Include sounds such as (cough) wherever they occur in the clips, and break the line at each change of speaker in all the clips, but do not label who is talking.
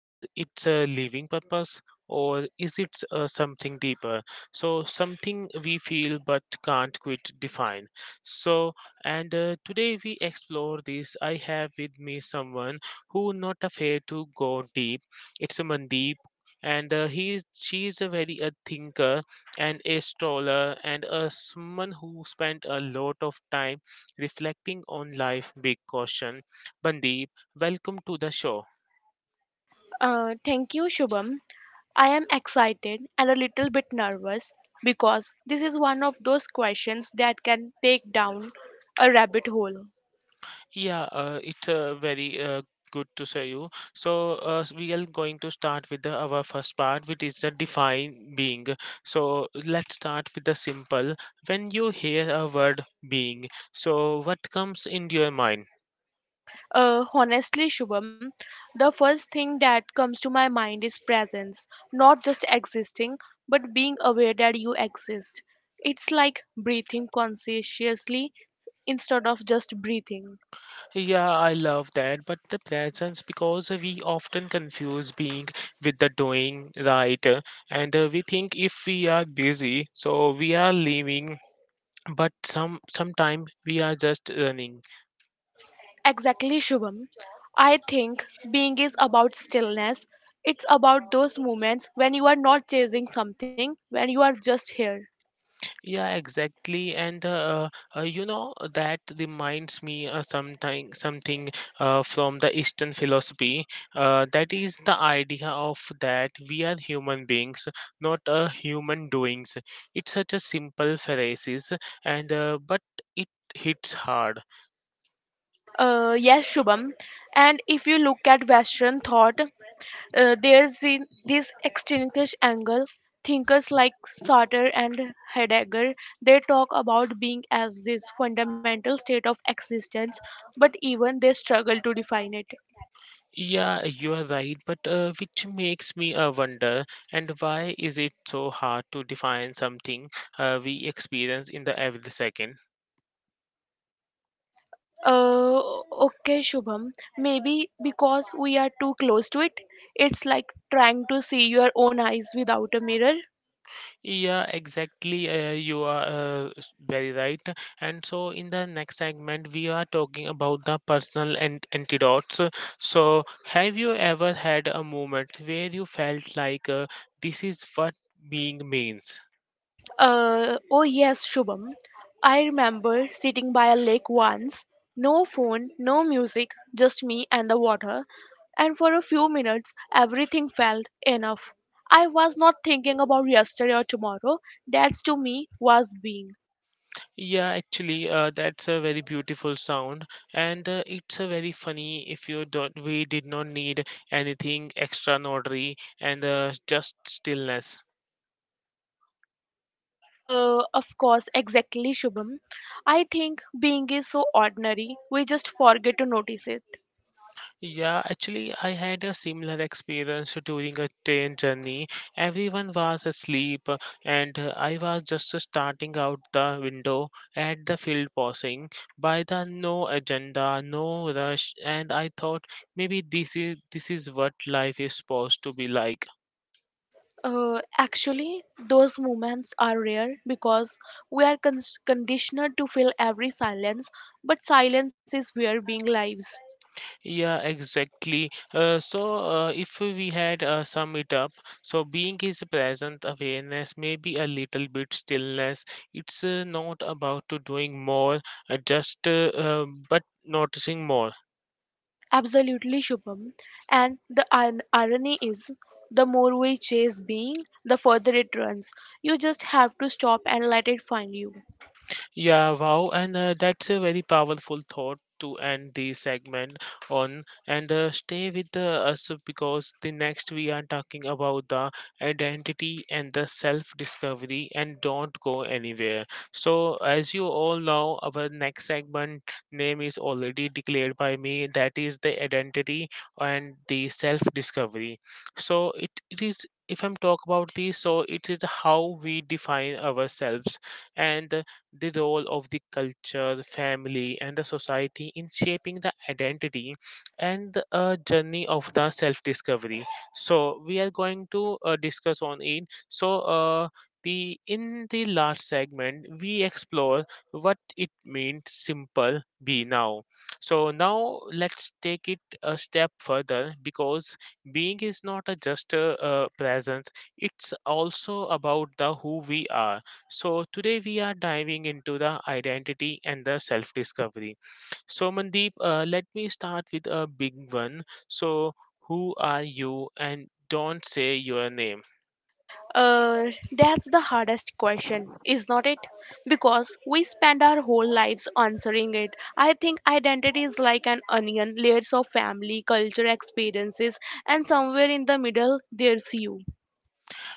Is it a living purpose? Or is it something deeper? Something we feel but can't quite define. So, and Today we explore this. I have with me someone who not afraid to go deep. It's a Mandeep, and he is, she is a very a thinker and a stroller and a someone who spent a lot of time reflecting on life, with caution, Mandeep. Welcome to the show.
Thank you, Shubham. I am excited and a little bit nervous because this is one of those questions that can take down a rabbit hole.
Yeah, it's very good to see you. We are going to start with our first part, which is the define being. So let's start with the simple. When you hear a word being, so what comes into your mind?
Honestly, Shubham, the first thing that comes to my mind is presence, not just existing, but being aware that you exist. It's like breathing conscientiously instead of just breathing.
Yeah, I love that. But the presence, because we often confuse being with the doing, right? And We think if we are busy, so we are living. But some sometime we are just running.
Exactly, Shubham. I think being is about stillness. It's about those moments when you are not chasing something, when you are just here.
Yeah, exactly, and you know that reminds me something something from the Eastern philosophy. That is the idea of that we are human beings, not human doings. It's such a simple phrase, and but it hits hard.
Yes, Shubham. And if you look at Western thought, there's in this extinguished angle. Thinkers like Sartre and Heidegger, they talk about being as this fundamental state of existence, but even they struggle to define it.
Yeah, you are right, but which makes me wonder, and why is it so hard to define something we experience in the every second?
Uh, okay, Shubham. Maybe because we are too close to it. It's like trying to see your own eyes without a mirror.
Yeah, exactly. You are very right. And so, in the next segment, we are talking about the personal and antidotes. So, have you ever had a moment where you felt like this is what being means?
Oh, yes, Shubham. I remember sitting by a lake once. No phone, no music, just me and the water. And for a few minutes, everything felt enough. I was not thinking about yesterday or tomorrow. That to me was being.
Yeah, actually, that's a very beautiful sound, and it's a very funny. If you don't, we did not need anything extraordinary and just stillness.
Of course, exactly, Shubham. I think being is so ordinary, we just forget to notice it.
Yeah, actually, I had a similar experience during a train journey. Everyone was asleep, and I was just starting out the window at the field crossing. By the no agenda, no rush, and I thought maybe this is what life is supposed to be like.
Actually, those moments are rare because we are conditioned to feel every silence, but silence is where being lives.
Yeah, exactly. If we had sum it up, so being is present awareness, maybe a little bit stillness. It's not about to doing more, just but noticing more.
Absolutely, Shubham. And the irony is, the more we chase being, the further it runs. You just have to stop and let it find you.
Yeah, wow. And that's a very powerful thought to end the segment on. And stay with us because the next we are talking about the identity and the self discovery. And don't go anywhere. So, as you all know, our next segment name is already declared by me that is the identity and the self discovery. So, it is. If I'm talk about this, so it is how we define ourselves, and the role of the culture, family, and the society in shaping the identity and the journey of the self discovery. So, we are going to discuss on it. So, the In the last segment, we explore what it means simple be now. So, now let's take it a step further because being is not a just a, presence, it's also about the who we are. So, today we are diving into the identity and the self discovery. So, Mandeep, let me start with a big one. So, who are you and don't say your name.
Uh, that's the hardest question, is not it? Because we spend our whole lives answering it. I think identity is like an onion, layers of family, culture, experiences, and somewhere in the middle, there's you.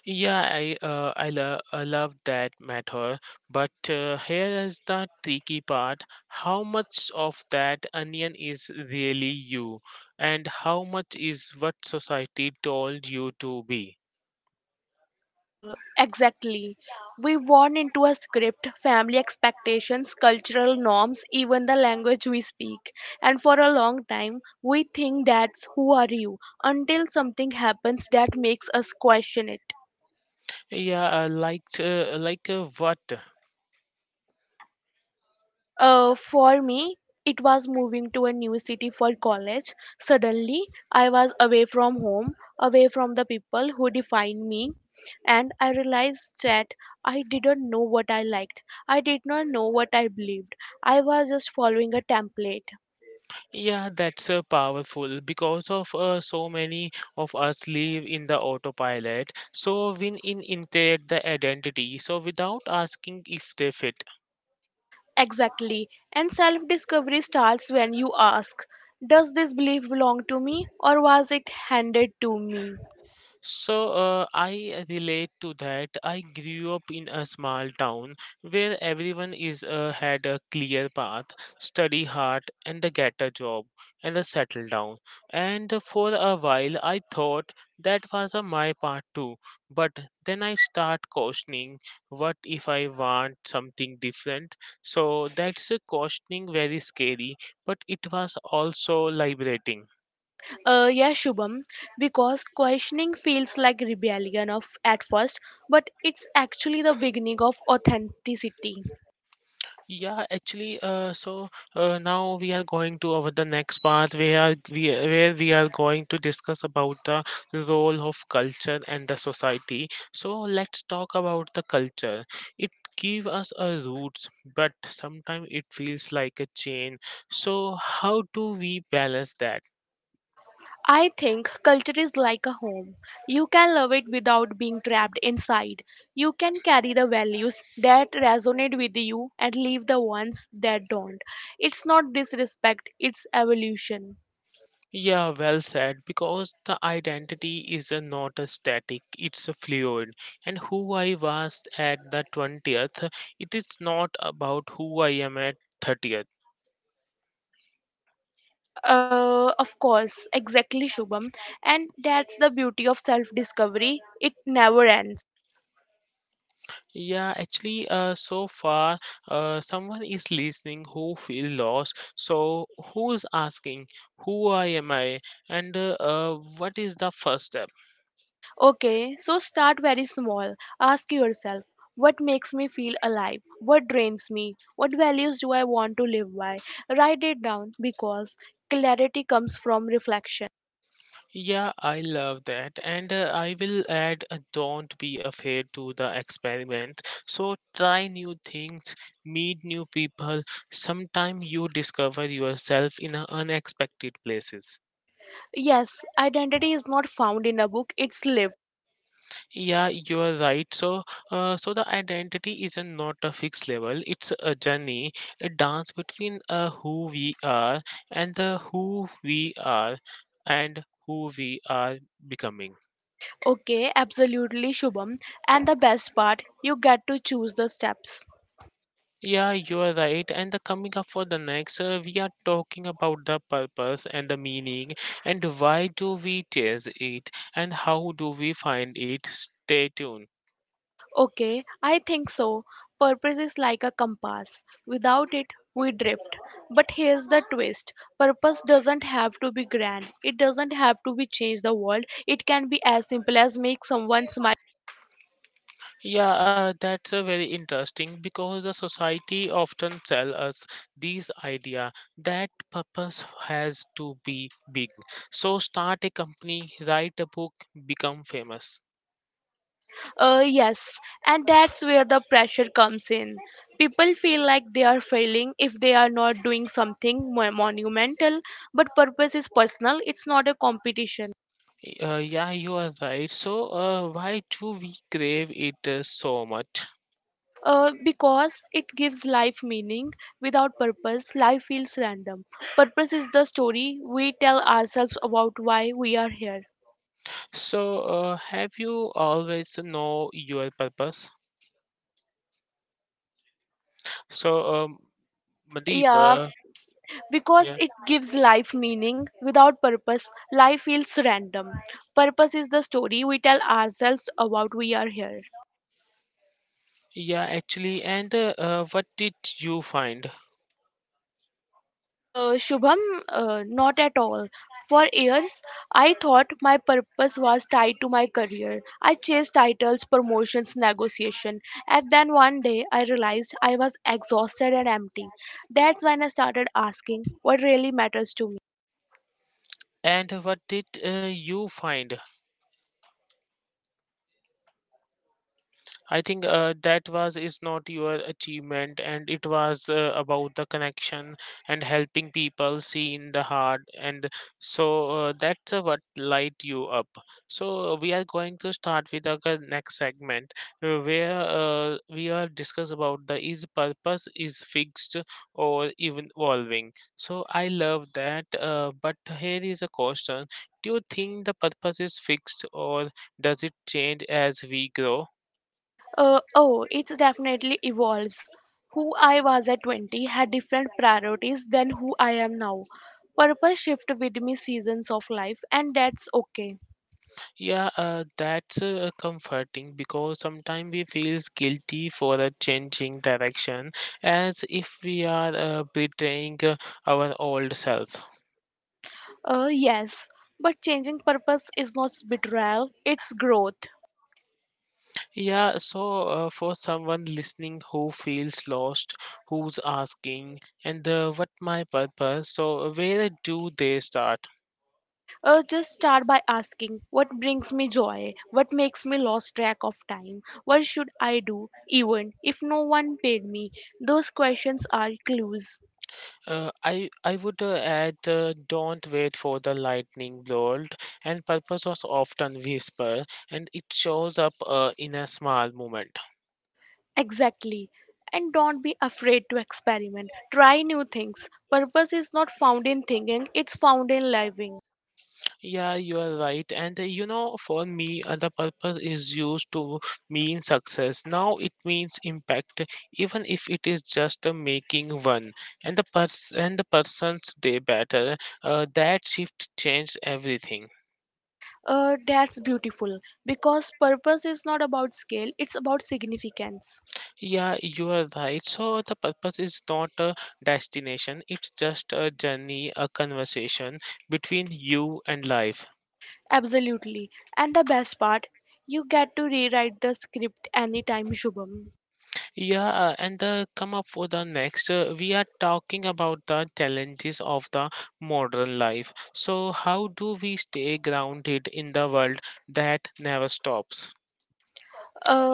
Yeah, I love that matter, but here is the tricky part. How much of that onion is really you, and how much is what society told you to be?
Uh, exactly. We born into a script, family expectations, cultural norms, even the language we speak. And for a long time, we think that's who are you until something happens that makes us question it.
Yeah, what?
For me, it was moving to a new city for college. Suddenly, I was away from home, away from the people who defined me, and I realized that I didn't know what I liked. I did not know what I believed. I was just following a template.
Yeah, that's powerful because of so many of us live in the autopilot. So when in integrate the identity, so without asking if they fit.
Exactly. And self discovery starts when you ask, "Does this belief belong to me, or was it handed to me?"
So I relate to that. I grew up in a small town where everyone is had a clear path, study hard, and the get a job and the settle down. And for a while, I thought that was my path too. But then I start questioning, what if I want something different? So that's a questioning very scary, but it was also liberating.
Yeah, Shubham, because questioning feels like rebellion of at first, but it's actually the beginning of authenticity.
Yeah, actually, now we are going to our the next part where we are going to discuss about the role of culture and the society. So let's talk about the culture. It give us a roots, but sometimes it feels like a chain. So how do we balance that?
I think culture is like a home. You can love it without being trapped inside. You can carry the values that resonate with you and leave the ones that don't. It's not disrespect, it's evolution.
Yeah, well said. Because the identity is a not a static, it's a fluid. And who I was at the 20th, it is not about who I am at 30th.
Of course, exactly, Shubham. And that's the beauty of self discovery. It never ends.
Yeah, actually, so far, someone is listening who feel lost. So who is asking, who I am I, and what is the first step?
Okay, so start very small. Ask yourself, what makes me feel alive? What drains me? What values do I want to live by? Write it down because clarity comes from reflection.
Yeah, I love that. And I will add don't be afraid to the experiment. So try new things, meet new people. Sometime you discover yourself in a unexpected places.
Yes, identity is not found in a book, it's lived.
Yeah, you are right. So, so the identity is a not a fixed level. It's a journey, a dance between who we are and the who we are and who we are becoming.
Okay, absolutely, Shubham. And the best part, you get to choose the steps.
Yeah, you are right. And the coming up for the next, we are talking about the purpose and the meaning, and why do we chase it, and how do we find it. Stay tuned.
Okay, I think so. Purpose is like a compass. Without it, we drift. But here's the twist: purpose doesn't have to be grand, it doesn't have to be change the world. It can be as simple as make someone smile.
Yeah, that's a very interesting because the society often tell us this idea that purpose has to be big. So start a company, write a book, become famous.
Yes, and that's where the pressure comes in. People feel like they are failing if they are not doing something monumental, but purpose is personal, it's not a competition.
Yeah, you are right. So, why do we crave it so much?
Because it gives life meaning. Without purpose, life feels random. Purpose is the story we tell ourselves about why we are here.
So, have you always know your purpose? So, um, Mandeep,
Yeah,
uh,
because
yeah,
it gives life meaning. Without purpose, life feels random. Purpose is the story we tell ourselves about we are here.
yeah, actually, and what did you find?
Shubham, not at all. For years, I thought my purpose was tied to my career. I chased titles, promotions, negotiation, and then one day I realized I was exhausted and empty. That's when I started asking what really matters to me.
And what did you find? I think that was is not your achievement, and it was about the connection and helping people see in the heart, and so that's what light you up. So we are going to start with the g- next segment where we are discuss about the is purpose is fixed or even evolving. So I love that, but here is a question: Do you think the purpose is fixed or does it change as we grow?
Oh, it definitely evolves. Who I was at 20 had different priorities than who I am now. Purpose shift with me seasons of life, and that's okay.
Yeah, that's comforting because sometimes we feel guilty for changing direction as if we are betraying our old self.
Yes, but changing purpose is not betrayal, it's growth.
Yeah, so for someone listening who feels lost, who's asking, and what my purpose, so where do they start?
Just start by asking what brings me joy, what makes me lose track of time, what should I do, even if no one paid me. Those questions are clues.
I would add don't wait for the lightning bolt and purpose was often whisper and it shows up in a small moment.
Exactly. And don't be afraid to experiment. Try new things. Purpose is not found in thinking, it's found in living.
Yeah, you are right. And you know, for me, the purpose is used to mean success. Now it means impact, even if it is just making one and the person's day better. That shift changed everything.
That's beautiful because purpose is not about scale, it's about significance.
Yeah, you are right. So the purpose is not a destination; it's just a journey, a conversation between you and life.
Absolutely. And the best part, you get to rewrite the script anytime, Shubham.
Yeah, and the come up for the next, we are talking about the challenges of the modern life. So, how do we stay grounded in the world that never stops?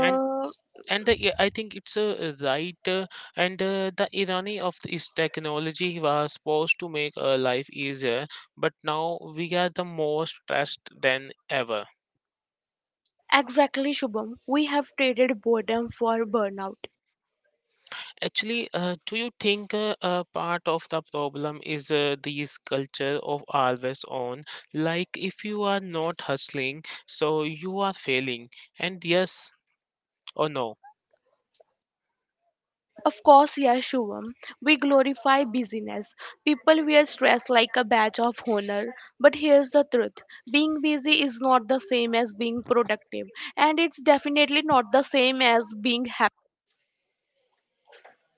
And yeah, I think it's a right, and the irony of this technology was supposed to make our life easier, but now we are the most stressed than ever.
exactly, Shubham. We have traded boredom for burnout.
Actually, do you think a part of the problem is this culture of always on? Like, if you are not hustling, so you are failing. And yes or no?
Of course, yes, Shubham. We glorify busyness. People wear stress like a badge of honor. But here's the truth: being busy is not the same as being productive. And it's definitely not the same as being happy.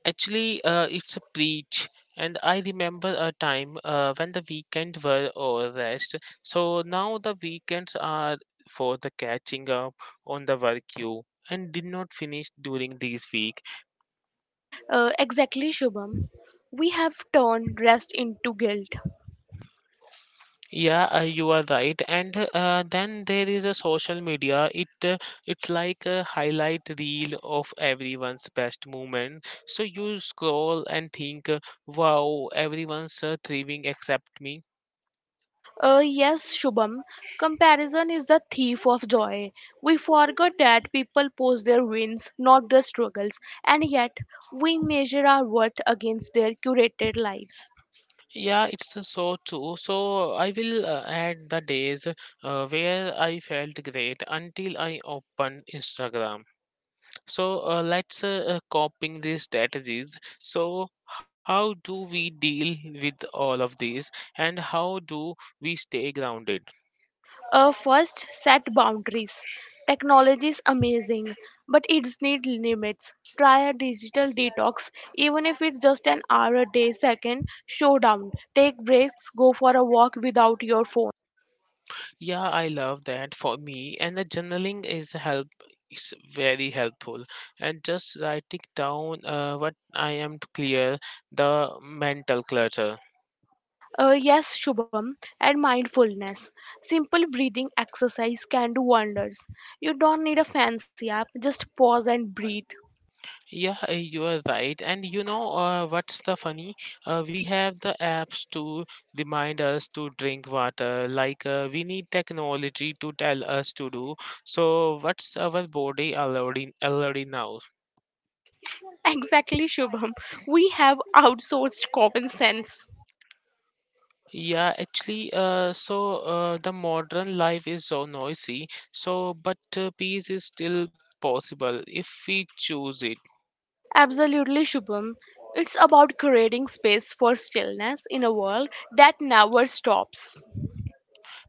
Actually, it's a preach. And I remember a time when the weekend were all rest. So now the weekends are for the catching up on the work you and did not finish during this week.
Exactly, Shubham. We have turned rest into guilt.
Yeah, you are right. And then there is a social media. It's like a highlight reel of everyone's best moment. So you scroll and think, "Wow, everyone's thriving except me."
Yes, Shubham, comparison is the thief of joy. We forget that people post their wins, not their struggles, and yet we measure our worth against their curated lives.
Yeah, it's so true. So I will add the days where I felt great until I opened Instagram. So let's copying these strategies. So how do we deal with all of these, and how do we stay grounded?
First, set boundaries. Technology is amazing, but it's need limits. Try a digital detox, even if it's just an hour a day. Second, showdown. Take breaks, go for a walk without your phone.
Yeah, I love that. For me, and the journaling is help. It's very helpful, and just writing down what I am to clear the mental clutter.
Yes, Shubham, and mindfulness. Simple breathing exercise can do wonders. You don't need a fancy app, just pause and breathe. (laughs)
Yeah, you are right. And you know what's the funny? We have the apps to remind us to drink water. Like we need technology to tell us to do. So what's our body already now?
Exactly, Shubham. We have outsourced common sense.
Yeah, actually, the modern life is so noisy. So but peace is still possible if we choose it.
Absolutely, Shubham. It's about creating space for stillness in a world that never stops.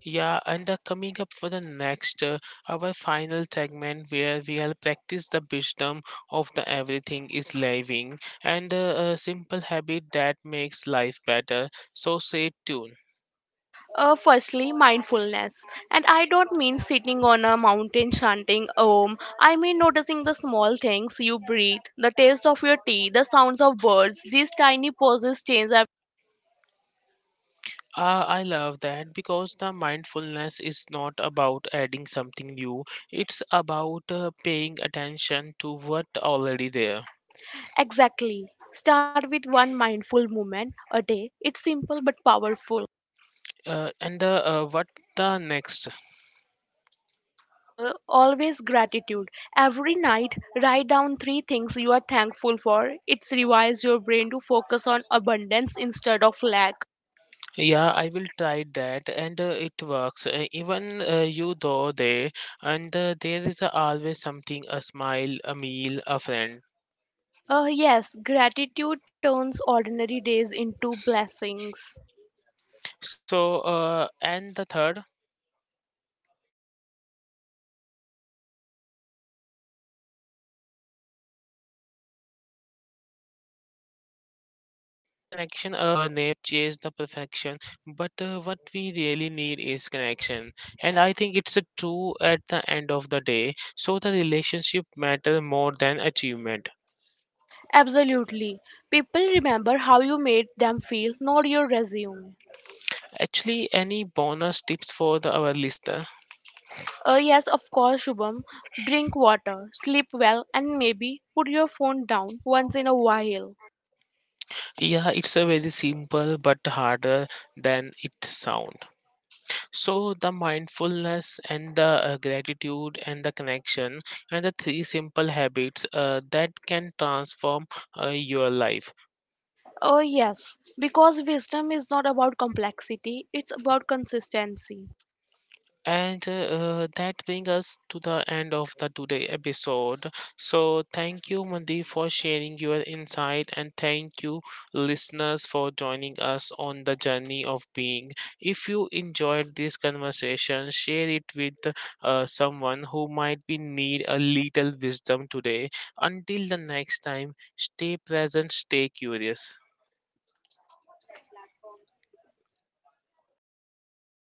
Yeah, and coming up for the next, our final segment where we'll practice the wisdom of the everything is living and a simple habit that makes life better. So stay tuned.
Firstly, mindfulness. And I don't mean sitting on a mountain chanting om. I mean noticing the small things you breathe, the taste of your tea, the sounds of birds. These tiny pauses change everything.
I love that because the mindfulness is not about adding something new, it's about paying attention to what already there.
Exactly. Start with one mindful moment a day. It's simple but powerful.
And what the next.
Always gratitude. Every night, write down three things you are thankful for. It rewires your brain to focus on abundance instead of lack.
Yeah, I will try that, and it works. Even you though there, and there is always something a smile, a meal, a friend.
Yes, gratitude turns ordinary days into blessings.
So, and the third, and the
Shubham,
connection, I
it
think it
is
a
the
connection,
connection.
call a
Call a
friend, hug
friend,
your
hug your
family,
family,
talk
talk to
your
your
neighbor.
neighbor.
We
We
chase the perfection, but what we really need is connection. And I think it's a true at the end of the day. So the relationship matter more than achievement.
absolutely. People remember how you made them feel, not your resume.
Actually, any bonus tips for the, our listener?
Yes, of course, Shubham. Drink water, sleep well, and maybe put your phone down once in a while.
Yeah, it's a very simple but harder than it sound. So the mindfulness and the gratitude and the connection and the three simple habits that can transform your life.
Oh, yes, because wisdom is not about complexity, it's about consistency.
And that brings us to the end of the today episode. So thank you, Mandeep, for sharing your insight, and thank you, listeners, for joining us on the journey of being. If you enjoyed this conversation, share it with someone who might be need a little wisdom today. Until the next time, stay present, stay curious.